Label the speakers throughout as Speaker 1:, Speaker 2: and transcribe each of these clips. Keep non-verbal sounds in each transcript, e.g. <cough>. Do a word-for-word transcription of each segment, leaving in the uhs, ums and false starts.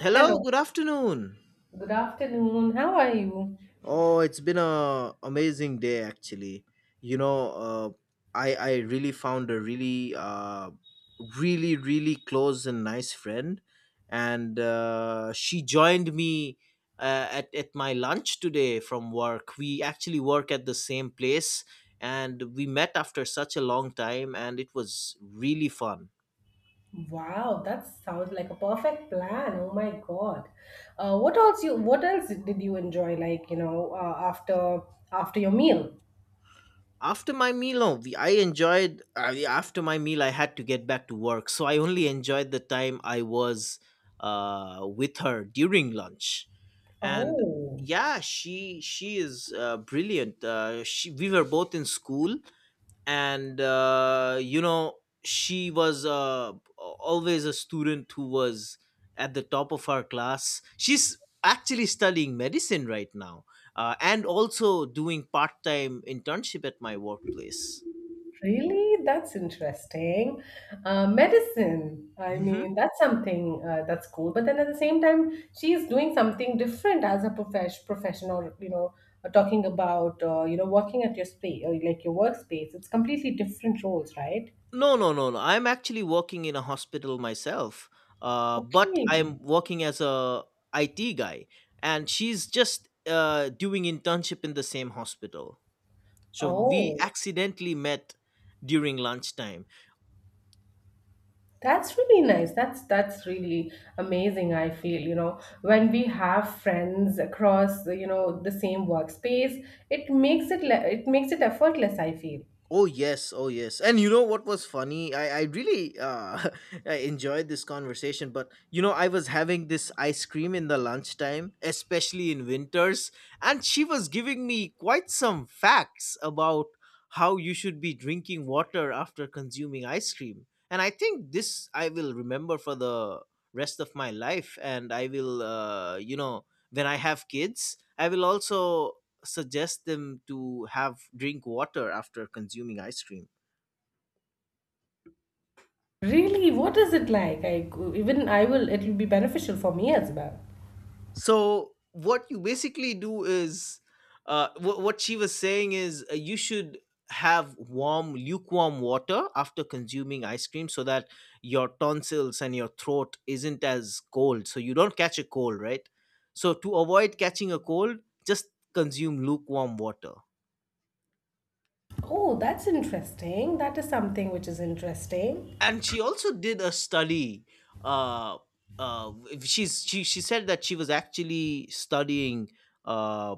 Speaker 1: Hello,
Speaker 2: Hello,
Speaker 1: good afternoon.
Speaker 2: good afternoon. How are you?
Speaker 1: Oh, it's been a amazing day actually. You know, uh, I I really found a really uh, really really close and nice friend, and uh, she joined me uh, at at my lunch today from work. We actually work at the same place, and we met after such a long time, and it was really fun.
Speaker 2: Wow, that sounds like a perfect plan. Oh my God. Uh, what else you what else did you enjoy like, you know, uh, after after your meal?
Speaker 1: After my meal, no we, I enjoyed, uh, yeah, after my meal I had to get back to work, so I only enjoyed the time I was uh, with her during lunch. And
Speaker 2: Oh,
Speaker 1: yeah, she she is uh, brilliant. Uh, she, we were both in school, and uh, you know she was uh, always a student who was at the top of her class. She's actually studying medicine right now, uh, and also doing part-time internship at my workplace.
Speaker 2: really? That's interesting. Uh, medicine. I
Speaker 1: hmm
Speaker 2: mean, that's something uh, that's cool. But then at the same time, she's doing something different as a profesh professional, you know, uh, talking about, uh, you know, working at your space, or like your workspace. It's completely different roles, right?
Speaker 1: no, no, no, no, I'm actually working in a hospital myself, uh, but
Speaker 2: Okay.
Speaker 1: I'm working as a IT guy, and she's just uh, doing internship in the same hospital. So we
Speaker 2: Oh,
Speaker 1: accidentally met during lunchtime.
Speaker 2: that's really nice. That's that's really amazing, I feel, you know, when we have friends across, you know, the same workspace, it makes it le- it makes it effortless, I feel.
Speaker 1: Oh yes, oh yes. And you know what was funny? I I really uh <laughs> I enjoyed this conversation, but you know I was having this ice cream in the lunchtime, especially in winters, and she was giving me quite some facts about how you should be drinking water after consuming ice cream. And I think this I will remember for the rest of my life, and I will uh you know when I have kids, I will also suggest them to have drink water after consuming ice cream.
Speaker 2: Really, what is it like? I even I will it will be beneficial for me as well.
Speaker 1: So what you basically do is uh, wh- what she was saying is, uh, you should have warm lukewarm water after consuming ice cream so that your tonsils and your throat isn't as cold, so you don't catch a cold, right? So to avoid catching a cold, just consume lukewarm water.
Speaker 2: Oh, that's interesting. That is something which is interesting.
Speaker 1: And she also did a study. uh uh she's she she said that she was actually studying, uh,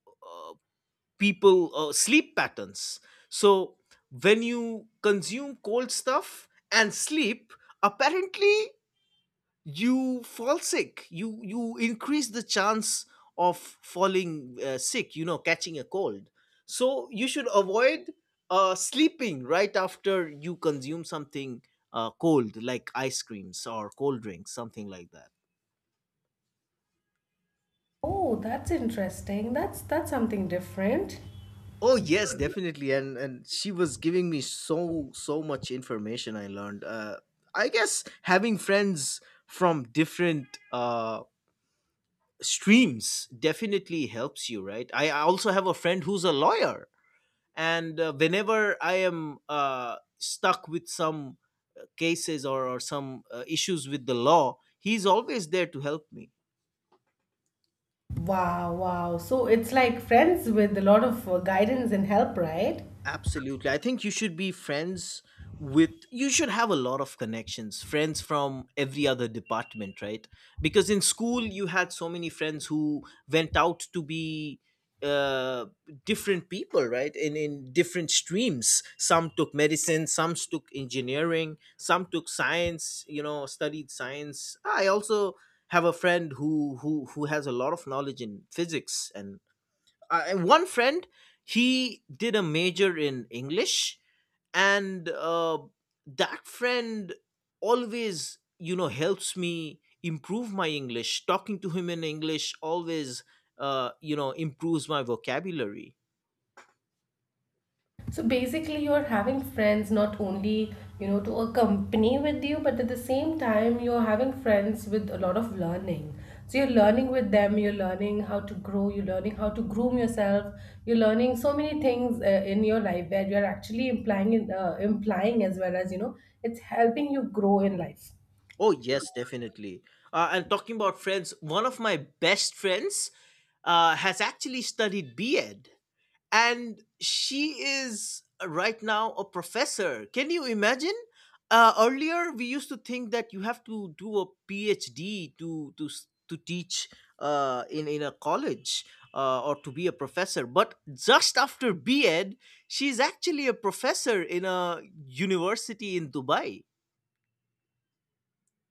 Speaker 1: uh people uh, sleep patterns. So when you consume cold stuff and sleep, apparently you fall sick, you you increase the chance of falling uh, sick, you know, catching a cold. So you should avoid uh, sleeping right after you consume something uh, cold, like ice creams or cold drinks, something like that.
Speaker 2: Oh, that's interesting. That's that's something different.
Speaker 1: Oh yes, definitely. And and she was giving me so so much information. I learned, uh, I guess having friends from different uh, streams definitely helps you, right? i I also have a friend who's a lawyer, and uh, whenever I am uh, stuck with some cases, or, or some uh, issues with the law, he's always there to help me.
Speaker 2: Wow, wow. So it's like friends with a lot of uh, guidance and help, right?
Speaker 1: Absolutely. I think you should be friends with, you should have a lot of connections, friends from every other department, right? Because in school, you had so many friends who went out to be uh different people, right? In in different streams, some took medicine, some took engineering, some took science, you know, studied science. I also have a friend who who who has a lot of knowledge in physics, and I, one friend, he did a major in English, and uh, that friend always, you know, helps me improve my English. Talking to him in English always, uh, you know improves my vocabulary.
Speaker 2: So basically, you're having friends not only, you know, to accompany with you, but at the same time, you're having friends with a lot of learning. So you're learning with them, you're learning how to grow, you're learning how to groom yourself, you're learning so many things uh, in your life where you're actually implying, in- uh, implying as well as, you know, it's helping you grow in life.
Speaker 1: Oh yes, definitely. Uh, and talking about friends, one of my best friends uh, has actually studied B.Ed, and she is uh, right now a professor. Can you imagine? Uh, earlier, we used to think that you have to do a PhD to to s- to teach uh, in in a college, uh, or to be a professor. But just after B.Ed, she's actually a professor in a university in Dubai.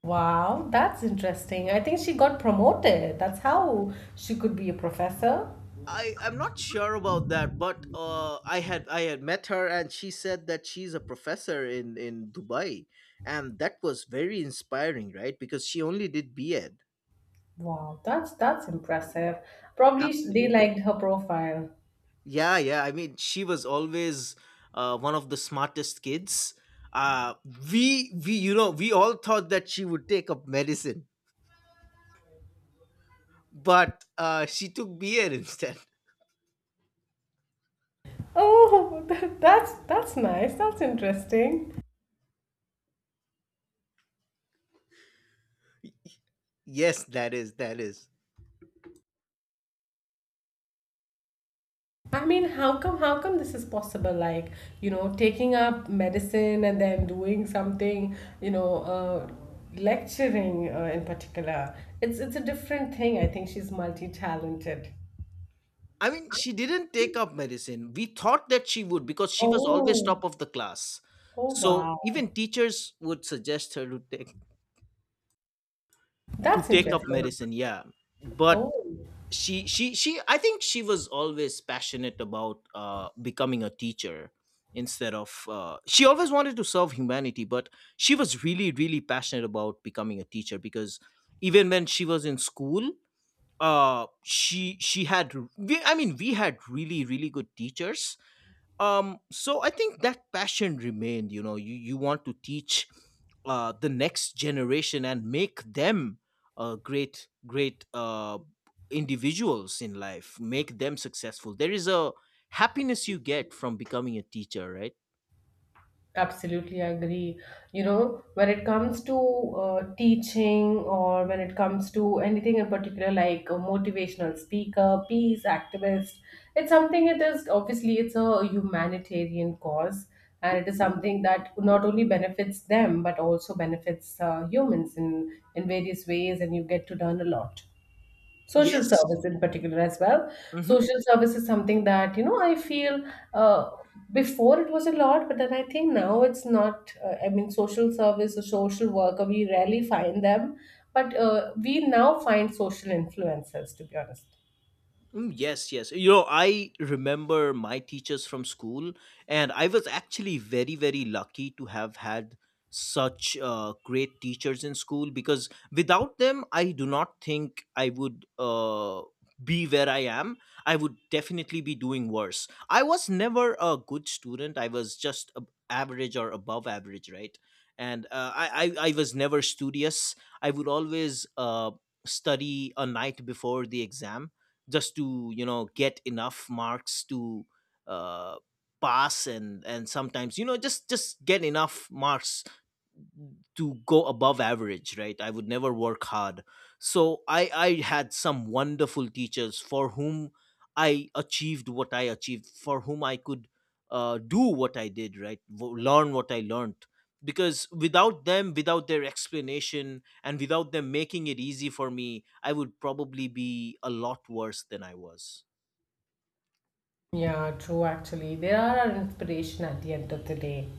Speaker 2: Wow, that's interesting. I think she got promoted. That's how she could be a professor.
Speaker 1: I I'm not sure about that, but uh, I had I had met her, and she said that she's a professor in in Dubai, and that was very inspiring, right? Because she only did B.Ed.
Speaker 2: Wow, that's that's impressive. Probably sh- they
Speaker 1: Absolutely.
Speaker 2: liked her profile.
Speaker 1: Yeah, yeah. I mean, she was always uh, one of the smartest kids. Uh, we we you know we all thought that she would take up medicine, but uh, she took B.Ed instead. <laughs>
Speaker 2: Oh, <laughs> that, that's that's nice. That's interesting.
Speaker 1: Yes, that is, that is.
Speaker 2: I mean, how come how come this is possible? Like, you know, taking up medicine and then doing something, you know, uh, lecturing uh, in particular. It's it's a different thing. I think she's multi-talented.
Speaker 1: I mean, she didn't take up medicine. We thought that she would because she was always
Speaker 2: Oh,
Speaker 1: top of the class.
Speaker 2: oh
Speaker 1: So
Speaker 2: wow.
Speaker 1: even teachers would suggest her to take, to
Speaker 2: That's
Speaker 1: take up
Speaker 2: interesting.
Speaker 1: medicine. Yeah, but
Speaker 2: Oh,
Speaker 1: she she she. I think she was always passionate about uh, becoming a teacher instead of, uh, she always wanted to serve humanity, but she was really really passionate about becoming a teacher because even when she was in school, uh she she had we, i mean we had really really good teachers. Um so I think that passion remained, you know, you you want to teach uh the next generation and make them uh great great uh individuals in life, make them successful. There is a happiness you get from becoming a teacher, right?
Speaker 2: absolutely agree. You know, when it comes to uh, teaching or when it comes to anything in particular, like a motivational speaker, peace activist, it's something it is obviously it's a humanitarian cause, and it is something that not only benefits them but also benefits uh, humans in in various ways, and you get to learn a lot. Social
Speaker 1: Yes.
Speaker 2: service in particular as well. Social service is something that you know I feel, uh, before it was a lot but then I think now it's not, uh, I mean social service or social worker we rarely find them, but uh, we now find social influencers, to be honest.
Speaker 1: Mm, yes, yes. You know, I remember my teachers from school, and I was actually very, very lucky to have had such uh, great teachers in school, because without them, I do not think I would uh, be where I am. I would definitely be doing worse. I was never a good student, I was just ab- average or above average, right? And uh, I, I, I was never studious. I would always uh, study a night before the exam just to, you know, get enough marks to uh, pass. And and sometimes, you know, just just get enough marks to go above average, right? I would never work hard. So i i had some wonderful teachers for whom I achieved what I achieved, for whom I could uh, do what I did, right? W- learn what I learned, because without them, without their explanation, and without them making it easy for me, I would probably be a lot worse than I was.
Speaker 2: Yeah, true, actually. They are our inspiration at the end of the day.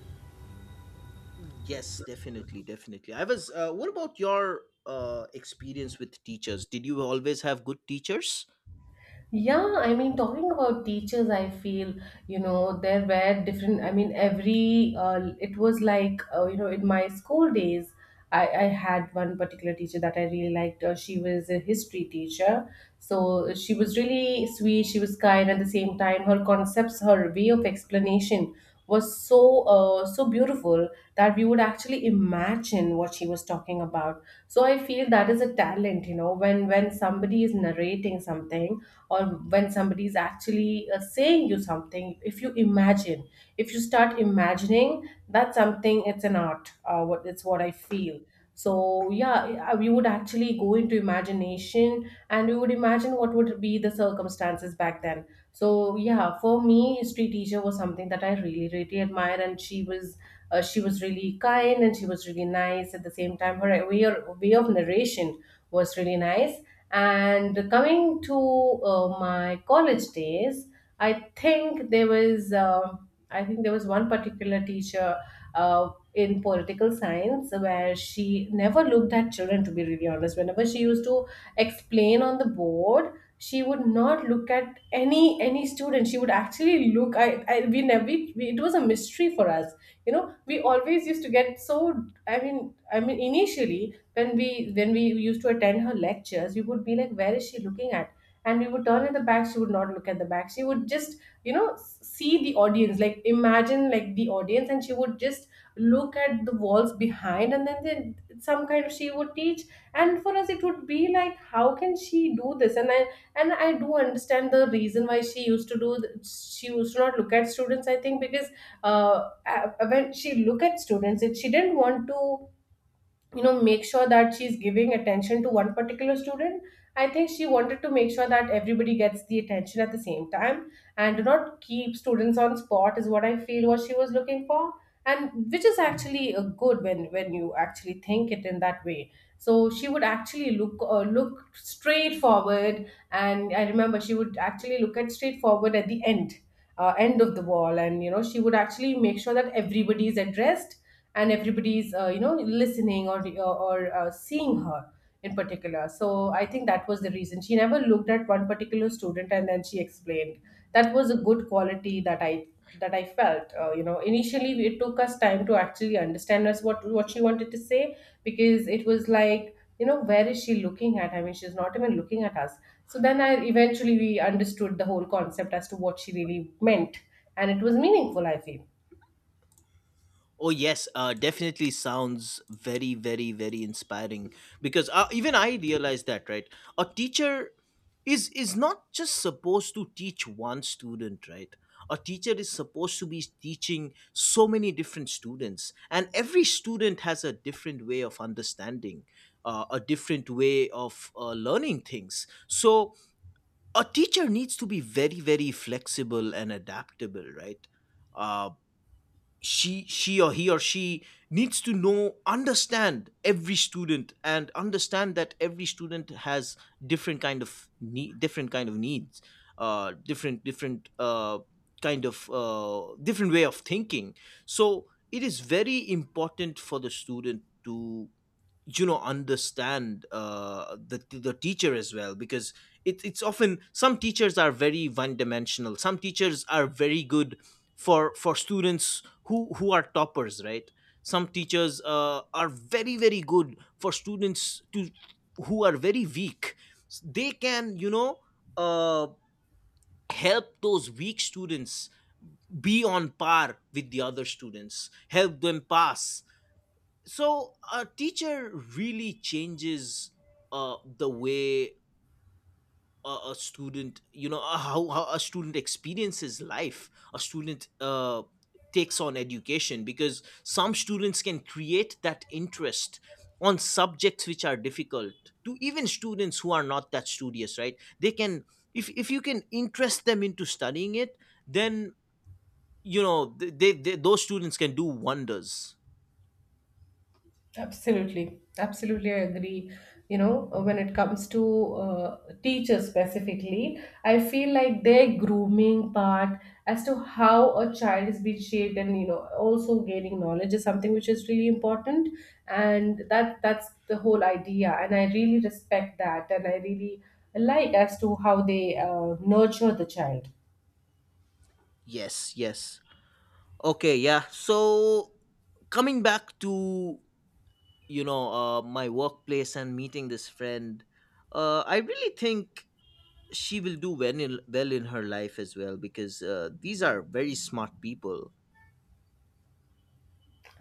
Speaker 1: Yes, definitely, definitely. I was. Uh, what about your uh, experience with teachers? Did you always have good teachers?
Speaker 2: Yeah, I mean, talking about teachers, I feel, you know, there were different, I mean, every, uh, it was like, uh, you know, in my school days, I, I had one particular teacher that I really liked. Uh, she was a history teacher. So she was really sweet, she was kind at the same time. Her concepts, her way of explanation was so, uh, so beautiful that we would actually imagine what she was talking about. So I feel that is a talent, you know, when, when somebody is narrating something or when somebody is actually uh, saying you something. If you imagine, if you start imagining that's something, it's an art, uh, what it's what I feel. So yeah, we would actually go into imagination and we would imagine what would be the circumstances back then. So yeah, for me history teacher was something that I really really admire, and she was uh, she was really kind and she was really nice at the same time. Her way, way of narration was really nice. And coming to uh, my college days, I think there was uh, I think there was one particular teacher uh, in political science, where she never looked at children. To be really honest, whenever she used to explain on the board, she would not look at any any student. She would actually look. I, I we never we, we- it was a mystery for us. You know, we always used to get so. I mean, I mean initially when we when we used to attend her lectures, we would be like where is she looking at, and we would turn at the back, she would not look at the back, she would just you know s- see the audience, like imagine like the audience, and she would just look at the walls behind, and then then some kind of she would teach. And for us it would be like how can she do this. And i and i do understand the reason why she used to do th- she used to not look at students. I think because, uh, a- when she look at students, it she didn't want to you know make sure that she's giving attention to one particular student. I think she wanted to make sure that everybody gets the attention at the same time and do not keep students on spot, is what I feel what she was looking for. And which is actually uh, good when when you actually think it in that way. So she would actually look, uh, look straightforward, and I remember she would actually look at straightforward at the end, uh, end of the wall, and you know she would actually make sure that everybody is addressed and everybody's uh, you know listening or or uh, seeing her in particular. So I think that was the reason she never looked at one particular student and then she explained. That was a good quality that i that i felt. Uh, you know, initially it took us time to actually understand us what what she wanted to say, because it was like you know where is she looking at, I mean she's not even looking at us. So then I eventually we understood the whole concept as to what she really meant, and it was meaningful, I feel.
Speaker 1: Oh yes, uh, definitely sounds very, very, very inspiring. Because uh, even I realized that, right? A teacher is is not just supposed to teach one student, right? A teacher is supposed to be teaching so many different students, and every student has a different way of understanding, uh, a different way of uh, learning things. So a teacher needs to be very very flexible and adaptable, right? uh, she she Or he or she needs to know, understand every student, and understand that every student has different kind of need, different kind of needs, uh, different different uh, kind of uh, different way of thinking. So it is very important for the student to, you know, understand uh, the the teacher as well, because it, it's often some teachers are very one dimensional. Some teachers are very good for for students who who are toppers, right? Some teachers uh, are very very good for students to, who are very weak, they can, you know, uh, help those weak students be on par with the other students, help them pass. So a teacher really changes uh, the way a, a student, you know, uh, how, how a student experiences life. A student uh, takes on education, because some students can create that interest on subjects which are difficult, to even students who are not that studious, right? They can, if, if you can interest them into studying it, then, you know, th- they, they, those students can do wonders.
Speaker 2: Absolutely, absolutely, I agree. You know, uh, when it comes to uh, teachers specifically, I feel like their grooming part as to how a child is being shaped and you know also gaining knowledge is something which is really important. And that that's the whole idea. And I really respect that, and I really like as to how they uh, nurture the child.
Speaker 1: Yes, yes. Okay, yeah. So coming back to, you know, uh, my workplace and meeting this friend, uh, I really think she will do well in, well in her life as well, because uh, these are very smart people.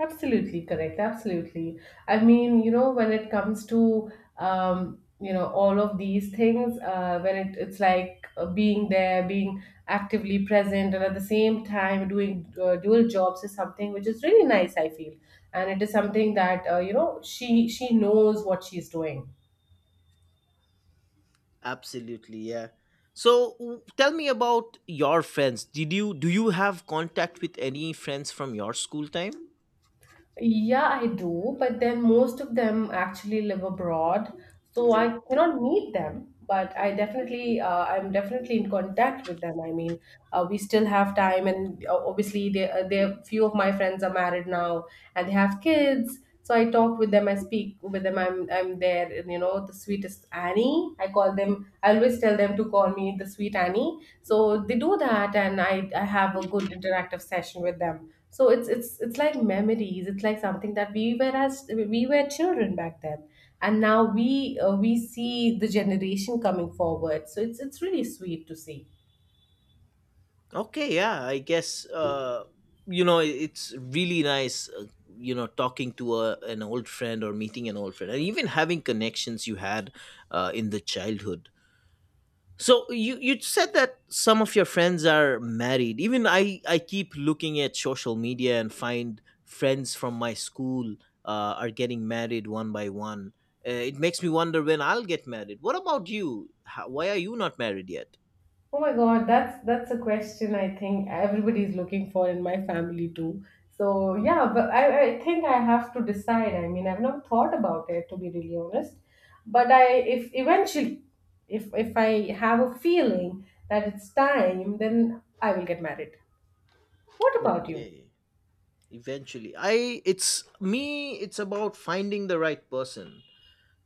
Speaker 2: Absolutely correct. Absolutely. I mean, you know, when it comes to um, you know all of these things, uh, when it, it's like uh, being there, being actively present, and at the same time doing uh, dual jobs is something which is really nice, I feel. And it is something that uh, you know she she knows what she's doing.
Speaker 1: Absolutely, yeah. So w- tell me about your friends. Did you, do you have contact with any friends from your school time?
Speaker 2: Yeah, I do, but then most of them actually live abroad, so I cannot meet them. But I definitely, uh, I'm definitely in contact with them. I mean, uh, we still have time, and uh, obviously, they, uh, they, few of my friends are married now, and they have kids. So I talk with them, I speak with them. I'm, I'm there, and you know, the sweetest Annie, I call them. I always tell them to call me the sweet Annie, so they do that. And i i have a good interactive session with them. So it's it's it's like memories, it's like something that we were, as we were children back then, and now we uh, we see the generation coming forward. So it's it's really sweet to see.
Speaker 1: Okay, yeah, I guess, uh, you know, i- it's really nice, uh, you know, talking to a, an old friend or meeting an old friend, and even having connections you had uh, in the childhood. So you you said that some of your friends are married. Even I I keep looking at social media and find friends from my school uh, are getting married one by one. Uh, it makes me wonder when I'll get married. What about you? How, why are you not married yet?
Speaker 2: Oh my God, that's that's a question I think everybody's looking for in my family too. So yeah, but I, I think I have to decide. I mean, I've not thought about it, to be really honest. But I, if eventually, if if I have a feeling that it's time, then I will get married. What about you?
Speaker 1: Okay. Eventually, I it's me it's about finding the right person.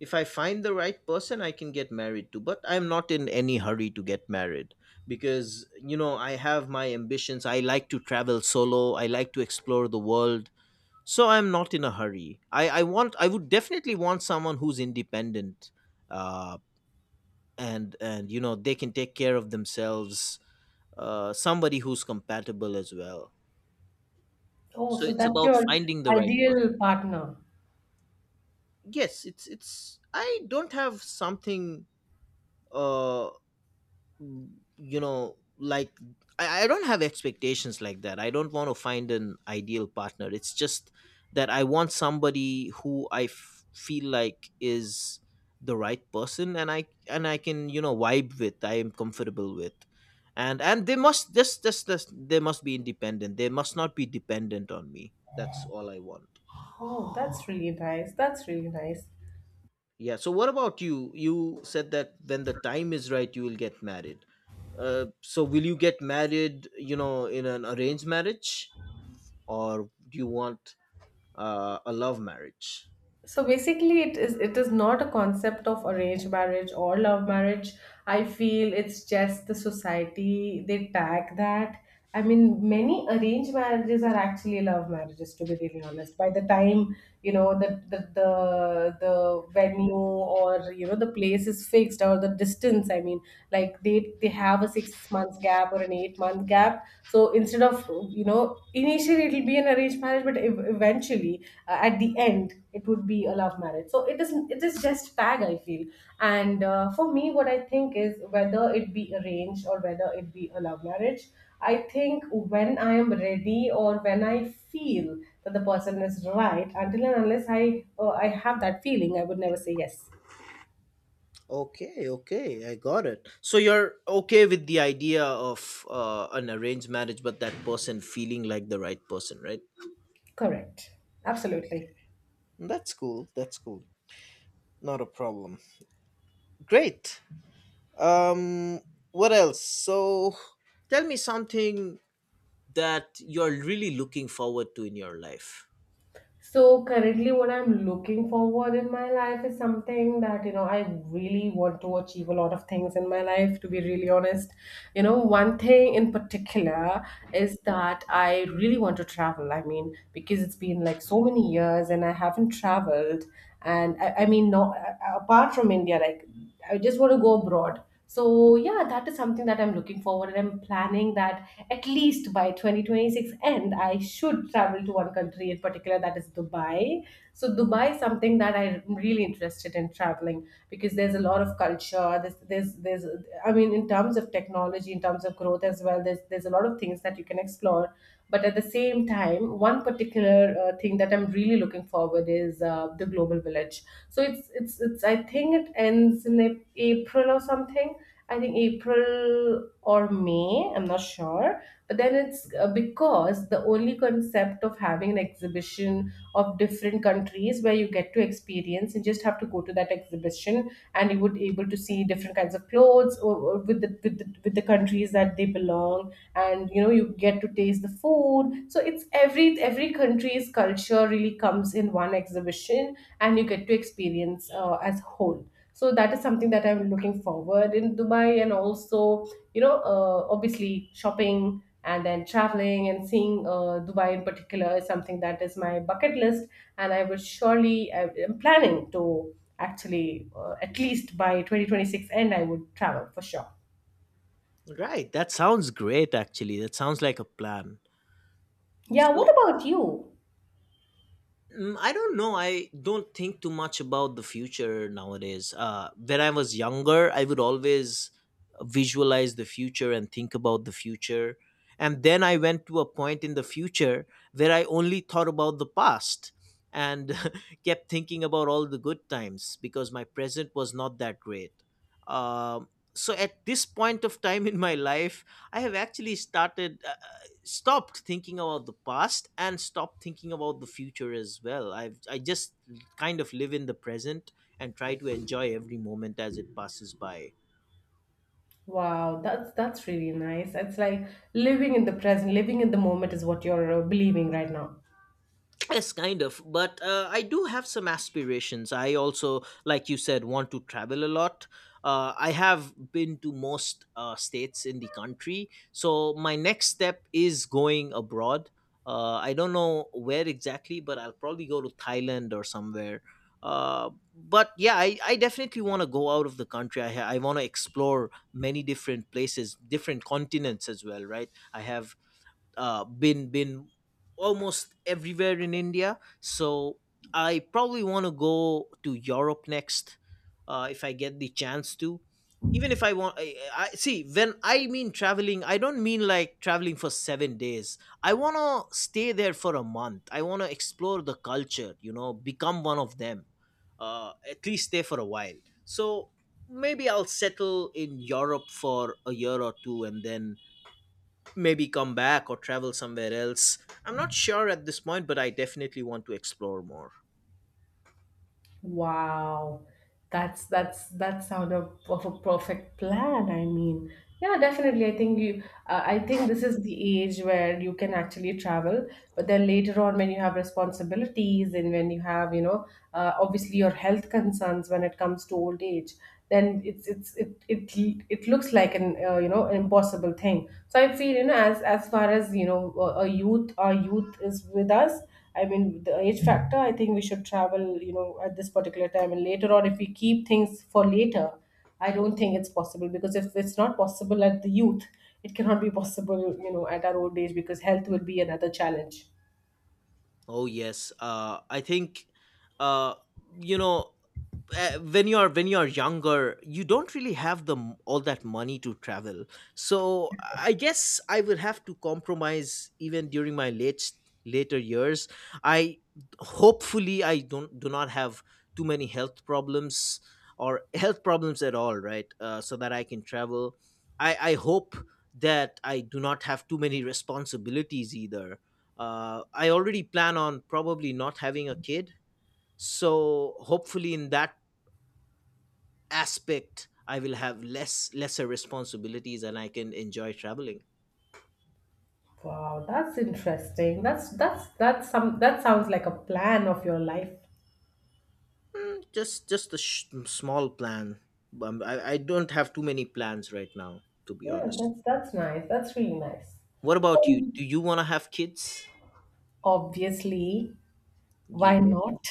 Speaker 1: If I find the right person, I can get married to, but I'm not in any hurry to get married because, you know, I have my ambitions. I like to travel solo, I like to explore the world. So I'm not in a hurry. I i want I would definitely want someone who's independent, uh and and, you know, they can take care of themselves. Uh somebody who's compatible as well.
Speaker 2: Oh,
Speaker 1: So
Speaker 2: so
Speaker 1: it's
Speaker 2: that's
Speaker 1: about
Speaker 2: your
Speaker 1: finding the right person.
Speaker 2: ideal partner.
Speaker 1: Yes, it's it's I don't have something, uh mm, you know like i, I don't have expectations like that. I don't want to find an ideal partner. It's just that I want somebody who I f- feel like is the right person, and i and i can, you know, vibe with, I am comfortable with. And and they must just just just they must be independent, they must not be dependent on me. That's all I want.
Speaker 2: Oh, that's really nice. That's really nice.
Speaker 1: Yeah. So what about you? You said that when the time is right, you will get married. Uh, so will you get married? You know, in an arranged marriage, or do you want uh, a love marriage?
Speaker 2: So basically, it is it is not a concept of arranged marriage or love marriage. I feel it's just the society they tag that. I mean, many arranged marriages are actually love marriages, to be really honest. By the time, you know, the the the, the venue, or you know the place is fixed, or the distance, I mean like they they have a six months gap or an eight month gap. So instead of, you know, initially it'll be an arranged marriage, but ev- eventually uh, at the end it would be a love marriage. So it is it is just tag, I feel. And uh, for me, what I think is whether it be arranged or whether it be a love marriage, I think when I am ready or when I feel that the person is right, until and unless I, uh, I have that feeling, I would never say yes.
Speaker 1: Okay. Okay. I got it. So you're okay with the idea of uh, an arranged marriage, but that person feeling like the right person, right?
Speaker 2: Correct. Absolutely.
Speaker 1: That's cool. That's cool. Not a problem. Great. Um. What else? So, tell me something that you're really looking forward to in your life.
Speaker 2: So currently what I'm looking forward in my life is something that you know I really want to achieve a lot of things in my life, to be really honest. You know, one thing in particular is that I really want to travel. I mean, because it's been like so many years and I haven't traveled and I, I mean not apart from India, like I just want to go abroad. So yeah, that is something that I'm looking forward and I'm planning that at least by twenty twenty-six end I should travel to one country in particular, that is Dubai. So Dubai is something that I'm really interested in traveling because there's a lot of culture. There's there's there's I mean in terms of technology, in terms of growth as well, there's there's a lot of things that you can explore. But at at the same time, one particular uh, thing that I'm really looking forward is uh, the Global Village. So it's it's it's I think it ends in Ap- April or something. I think April or May. I'm not sure. But then it's uh, because the only concept of having an exhibition of different countries where you get to experience, you just have to go to that exhibition and you would able to see different kinds of clothes or, or with the with the, with the countries that they belong. And you know you get to taste the food, so it's every every country's culture really comes in one exhibition and you get to experience uh, as whole. So that is something that I'm looking forward in Dubai, and also, you know, uh, obviously shopping and then traveling and seeing uh, Dubai in particular is something that is my bucket list. And I would surely I am planning to actually, uh, at least by twenty twenty-six end I would travel for sure.
Speaker 1: Right. That sounds great, actually. That sounds like a plan.
Speaker 2: Yeah, what
Speaker 1: So
Speaker 2: about you?
Speaker 1: Mm, I don't know. I don't think too much about the future nowadays. Uh, when I was younger, I would always visualize the future and think about the future. And then I went to a point in the future where I only thought about the past and <laughs> kept thinking about all the good times because my present was not that great. Um so at this point of time in my life, I have actually started. Uh, stopped thinking about the past and stopped thinking about the future as well. I've I just kind of live in the present and try to enjoy every moment as it passes by.
Speaker 2: Wow, that's that's really nice. It's like living in the present, living in the moment is what you're uh, believing right now.
Speaker 1: Yes, kind of. But uh, I do have some aspirations. I also, like you said, want to travel a lot. Uh, I have been to most uh, states in the country. So my next step is going abroad. Uh, I don't know where exactly, but I'll probably go to Thailand or somewhere. Uh, but yeah, I, I definitely want to go out of the country. I, ha- I want to explore many different places, different continents as well, right? I have uh, been been almost everywhere in India. So I probably want to go to Europe next uh, if I get the chance to. Even if I want, I, I see when I mean traveling, I don't mean like traveling for seven days. I want to stay there for a month. I want to explore the culture, you know, become one of them, uh, at least stay for a while. So maybe I'll settle in Europe for a year or two and then maybe come back or travel somewhere else. I'm not sure at this point, but I definitely want to explore more.
Speaker 2: Wow, that's that's that sound of, of a perfect plan. I mean, yeah, definitely. I think you, uh, I think this is the age where you can actually travel. But then later on, when you have responsibilities and when you have, you know, uh, obviously your health concerns when it comes to old age, then it's it's it it it looks like an uh, you know impossible thing. So I feel, you know, as as far as you know a a youth, our youth is with us. I mean, the age factor, I think we should travel, you know, at this particular time. And later on, if we keep things for later, I don't think it's possible because if it's not possible at the youth, it cannot be possible, you know, at our old age because health will be another challenge.
Speaker 1: Oh yes, uh, I think, uh, you know, uh, when you're when you're younger you don't really have the m- all that money to travel. So I guess I will have to compromise even during my late later years. I hopefully I don't do not have too many health problems, or <laughs> health problems at all, right? Uh, so that I can travel. I i hope that I do not have too many responsibilities either. Uh, I already plan on probably not having a kid, so hopefully in that aspect I will have less lesser responsibilities and I can enjoy traveling.
Speaker 2: Wow, that's interesting. That's that's that's some that sounds like a plan of your life.
Speaker 1: Just just a sh- small plan. um, I, I don't have too many plans right now, to be
Speaker 2: Yeah,
Speaker 1: honest.
Speaker 2: that's that's nice. That's really nice.
Speaker 1: What about you,
Speaker 2: Um,
Speaker 1: do you want to have kids?
Speaker 2: obviously,
Speaker 1: You
Speaker 2: why
Speaker 1: want to...
Speaker 2: not?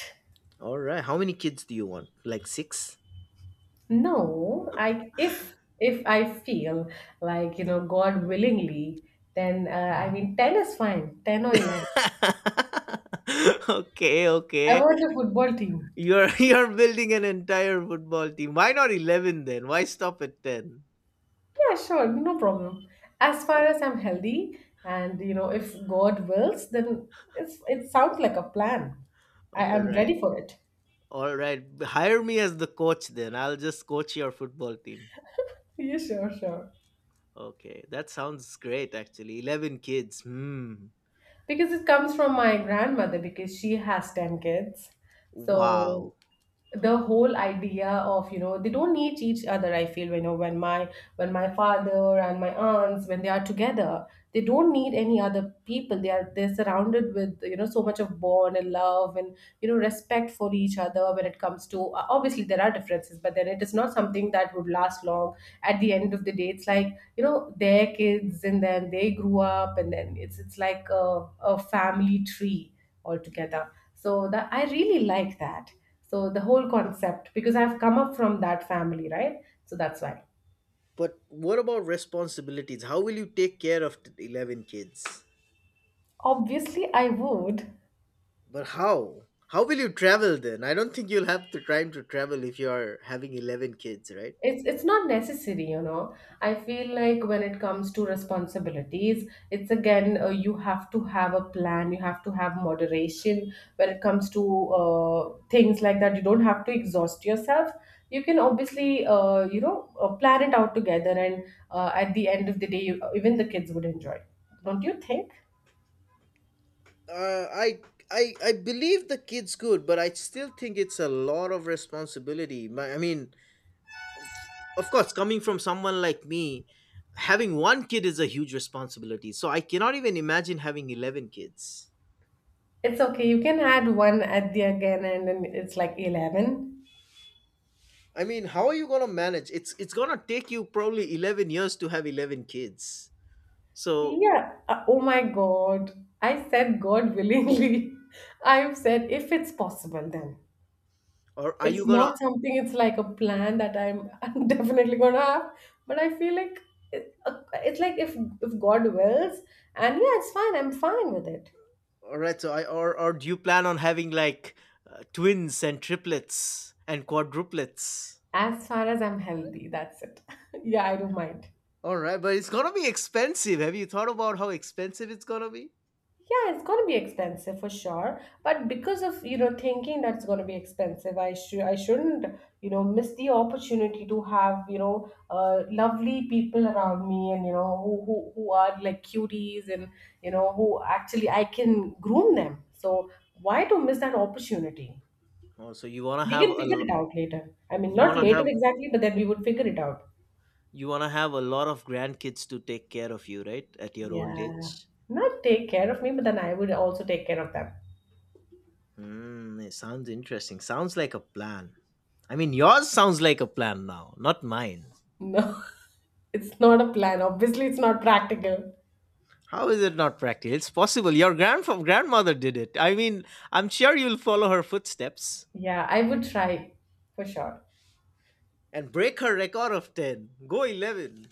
Speaker 1: All right, how many kids do you want, like six?
Speaker 2: No, I if if I feel like, you know, God willingly, then uh, I mean ten is fine, ten or eleven.
Speaker 1: <laughs> Okay,
Speaker 2: I
Speaker 1: okay.
Speaker 2: want a football team.
Speaker 1: You're <laughs> you're building an entire football team. Why not eleven, then? Why stop at ten?
Speaker 2: Yeah, sure, no problem. As far as I'm healthy and you know, if God wills, then it's it sounds like a plan. I
Speaker 1: All
Speaker 2: am
Speaker 1: right.
Speaker 2: ready for it. <laughs>
Speaker 1: All right. Hire me as the coach then. I'll just coach your football team.
Speaker 2: Yeah, sure, sure.
Speaker 1: Okay. That sounds great actually. eleven kids. Hmm.
Speaker 2: Because it comes from my grandmother because she has ten kids. So
Speaker 1: Wow.
Speaker 2: the whole idea of, you know, they don't need each other. I feel, you know, when my when my father and my aunts, when they are together, they don't need any other people. They are they're surrounded with, you know, so much of bond and love and, you know, respect for each other. When it comes to, uh, obviously there are differences, but then it is not something that would last long. At the end of the day, it's like, you know, their kids and then they grew up, and then it's it's like a, a family tree altogether, so that I really like that. So the whole concept, because I've come up from that family, right? So that's why.
Speaker 1: But what about responsibilities? How will you take care of t- eleven kids?
Speaker 2: Obviously, I would.
Speaker 1: But how? How will you travel then? I don't think you'll have the time to travel if you are having eleven kids, right?
Speaker 2: It's it's not necessary, you know. I feel like when it comes to responsibilities, it's again, uh, you have to have a plan. You have to have moderation when it comes to uh, things like that. You don't have to exhaust yourself. You can, obviously, uh, you know, uh, plan it out together, and, uh, at the end of the day, you, even the kids would enjoy. Don't you think?
Speaker 1: Uh, I I I believe the kids could, but I still think it's a lot of responsibility. My, I mean, of course, coming from someone like me, having one kid is a huge responsibility, so I cannot even imagine having eleven kids.
Speaker 2: It's okay. You can add one at the again, and then it's like eleven.
Speaker 1: I mean, how are you going to manage? It's it's going to take you probably eleven years to have eleven kids. So,
Speaker 2: Yeah. Uh, oh my God. I said God willingly. <laughs> I've said if it's possible, then
Speaker 1: or are you
Speaker 2: it's
Speaker 1: going to...
Speaker 2: not something, it's like a plan that I'm, <laughs> I'm definitely going to have. But I feel like it, uh, it's like if, if God wills, and yeah, it's fine. I'm fine with it.
Speaker 1: All right, so I or or do you plan on having like uh, twins and triplets and quadruplets?
Speaker 2: As far as I'm healthy, that's it. <laughs> Yeah, I don't mind.
Speaker 1: All right, but it's going to be expensive. Have you thought about how expensive it's going to be?
Speaker 2: Yeah, it's gonna be expensive for sure. But because of, you know, thinking that's gonna be expensive, I should I shouldn't, you know, miss the opportunity to have, you know, uh, lovely people around me and, you know, who, who who are like cuties and, you know, who actually I can groom them. So why to miss that opportunity?
Speaker 1: oh so you want to
Speaker 2: We
Speaker 1: have
Speaker 2: can
Speaker 1: a
Speaker 2: figure
Speaker 1: lo-
Speaker 2: it out later. I mean,
Speaker 1: you
Speaker 2: not
Speaker 1: want to
Speaker 2: later
Speaker 1: have...
Speaker 2: exactly, but then we would figure it out.
Speaker 1: You want to have a lot of grandkids to take care of you, right? At your old
Speaker 2: Yeah.
Speaker 1: age.
Speaker 2: Not take care of me, but then I would also take care of them.
Speaker 1: Hmm, it sounds interesting. Sounds like a plan. I mean, yours sounds like a plan now, not mine.
Speaker 2: No, <laughs> it's not a plan. Obviously, it's not practical.
Speaker 1: How is it not practical? It's possible. Your grandf- grandmother did it. I mean, I'm sure you'll follow her footsteps
Speaker 2: Yeah, I would try for sure.
Speaker 1: and break her record of ten. Go eleven.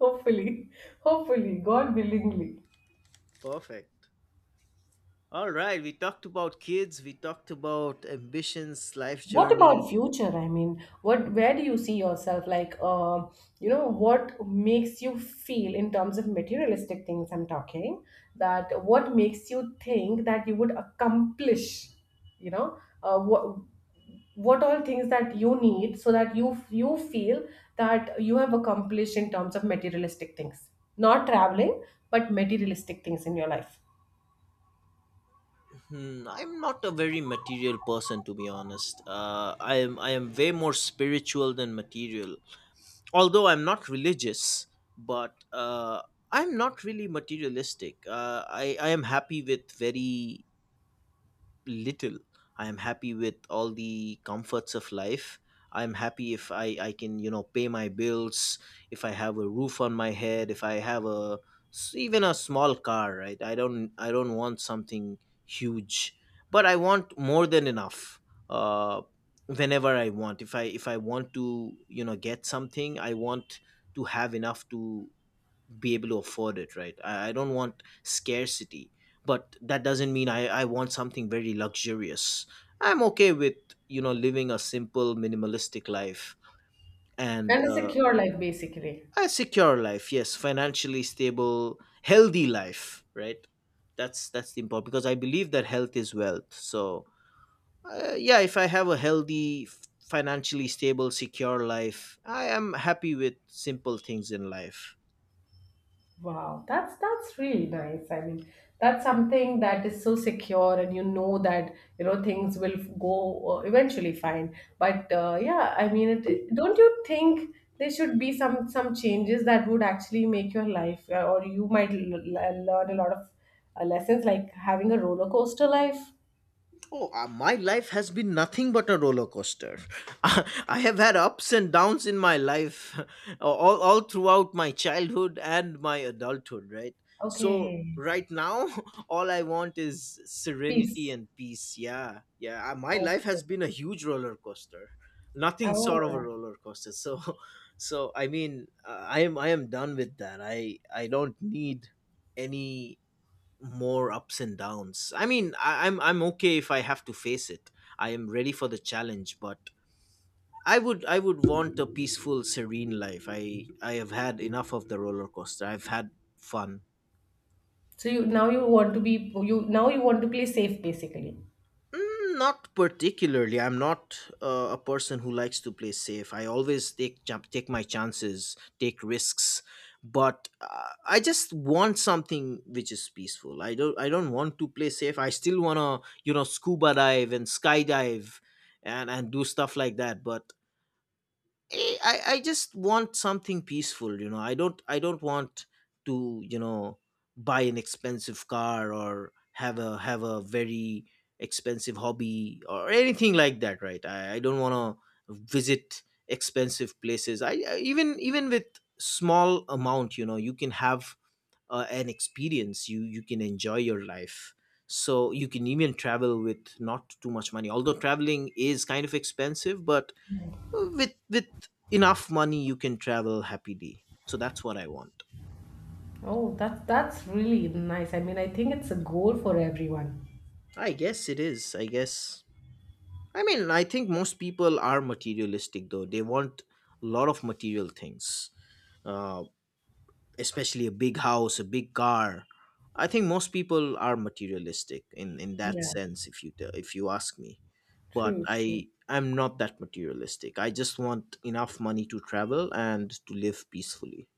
Speaker 2: Hopefully, hopefully, God willingly.
Speaker 1: Perfect. All right, we talked about kids, we talked about ambitions, life
Speaker 2: What
Speaker 1: journey...
Speaker 2: about future? I mean, what where do you see yourself? Like, uh, you know, what makes you feel in terms of materialistic things? I'm talking that what makes you think that you would accomplish, you know, uh, what what all things that you need so that you you feel that you have accomplished in terms of materialistic things, not traveling, but materialistic things in your life
Speaker 1: Hmm, I'm not a very material person, to be honest. Uh, I am I am way more spiritual than material. Although I'm not religious, but uh, I'm not really materialistic. Uh, I I am happy with very little. I am happy with all the comforts of life. I am happy if i i can, you know, pay my bills, if I have a roof on my head, if I have a s- even a small car, right? i don't I don't want something huge, but I want more than enough. uh Whenever I want, if i if I want to, you know, get something, I want to have enough to be able to afford it, right? i, I don't want scarcity, but that doesn't mean I, I want something very luxurious. I'm okay with, you know, living a simple, minimalistic life. And
Speaker 2: and a
Speaker 1: uh,
Speaker 2: secure life basically.
Speaker 1: A secure life, yes, financially stable, healthy life, right? That's that's the important, because I believe that health is wealth. So, uh, yeah, if I have a healthy f- financially stable, secure life, I am happy with simple things in life.
Speaker 2: Wow, that's that's really nice. I mean, that's something that is so secure, and you know that you know things will f- go uh, eventually fine. But uh, yeah, I mean, it, don't you think there should be some some changes that would actually make your life, uh, or you might l- l- learn a lot of uh, lessons, like having a roller coaster life?
Speaker 1: Oh, uh, my life has been nothing but a roller coaster. <laughs> I have had ups and downs in my life, <laughs> all, all throughout my childhood and my adulthood, right? So,
Speaker 2: Okay,
Speaker 1: right now, <laughs> all I want is serenity
Speaker 2: peace.
Speaker 1: and peace. Yeah, yeah. uh, My life
Speaker 2: Okay,
Speaker 1: has been a huge roller coaster. Nothing sort
Speaker 2: all
Speaker 1: of a
Speaker 2: right.
Speaker 1: roller coaster. So, <laughs> so I mean, uh, I am I am done with that. I I don't need any more ups and downs. I mean, I, I'm I'm okay if I have to face it. I am ready for the challenge, but I would I would want a peaceful, serene life. I I have had enough of the roller coaster. I've had fun.
Speaker 2: So you now you want to be you now you want to play safe, basically.
Speaker 1: Mm, not particularly. I'm not uh, a person who likes to play safe. I always take jump, take my chances, take risks, but uh, I just want something which is peaceful. I don't. I don't want to play safe. I still wanna, you know, scuba dive and skydive, and and do stuff like that. But eh, I, I just want something peaceful. You know, i don't I don't want to, you know, buy an expensive car or have a have a very expensive hobby or anything like that, right? i, I don't want to visit expensive places. I, I even even with small amount, you know, you can have uh, an experience, you you can enjoy your life. So you can even travel with not too much money, although traveling is kind of expensive. But with with enough money, you can travel happily. So that's what I want.
Speaker 2: Oh, that's that's really nice. I mean, I think it's a goal for everyone.
Speaker 1: I guess it is, I guess. I mean, I think most people are materialistic, though. They want a lot of material things, uh, especially a big house, a big car. I think most people are materialistic in in that
Speaker 2: Yeah,
Speaker 1: sense, if you t- if you ask me. But
Speaker 2: true, true.
Speaker 1: i I'm not that materialistic. I just want enough money to travel and to live peacefully.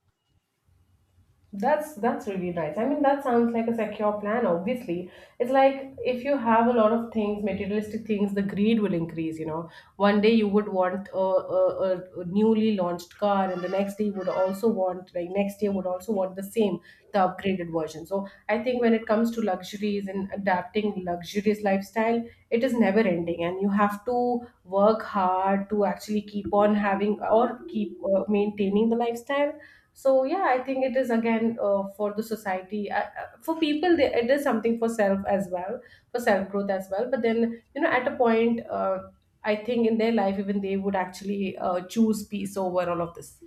Speaker 2: That's that's really nice. I mean, that sounds like a secure plan, obviously. It's like if you have a lot of things, materialistic things, the greed will increase, you know. One day you would want a, a, a a newly launched car, and the next day you would also want, like next year would also want the same, the upgraded version. So I think when it comes to luxuries and adapting luxurious lifestyle, it is never ending, and you have to work hard to actually keep on having or keep uh, maintaining the lifestyle. So yeah, I think it is again, uh, for the society, uh, uh, for people, they, it is something for self as well, for self growth as well. But then, you know, at a point, uh, I think in their life even they would actually uh, choose peace over all of this.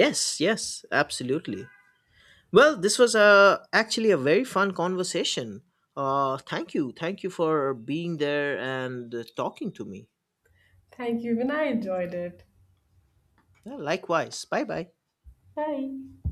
Speaker 1: Yes, yes, absolutely. Well, this was uh, actually a very fun conversation. Uh, thank you. Thank you for being there and uh, talking to me.
Speaker 2: Thank you, even I enjoyed it.
Speaker 1: Yeah, likewise. Bye bye.
Speaker 2: Bye.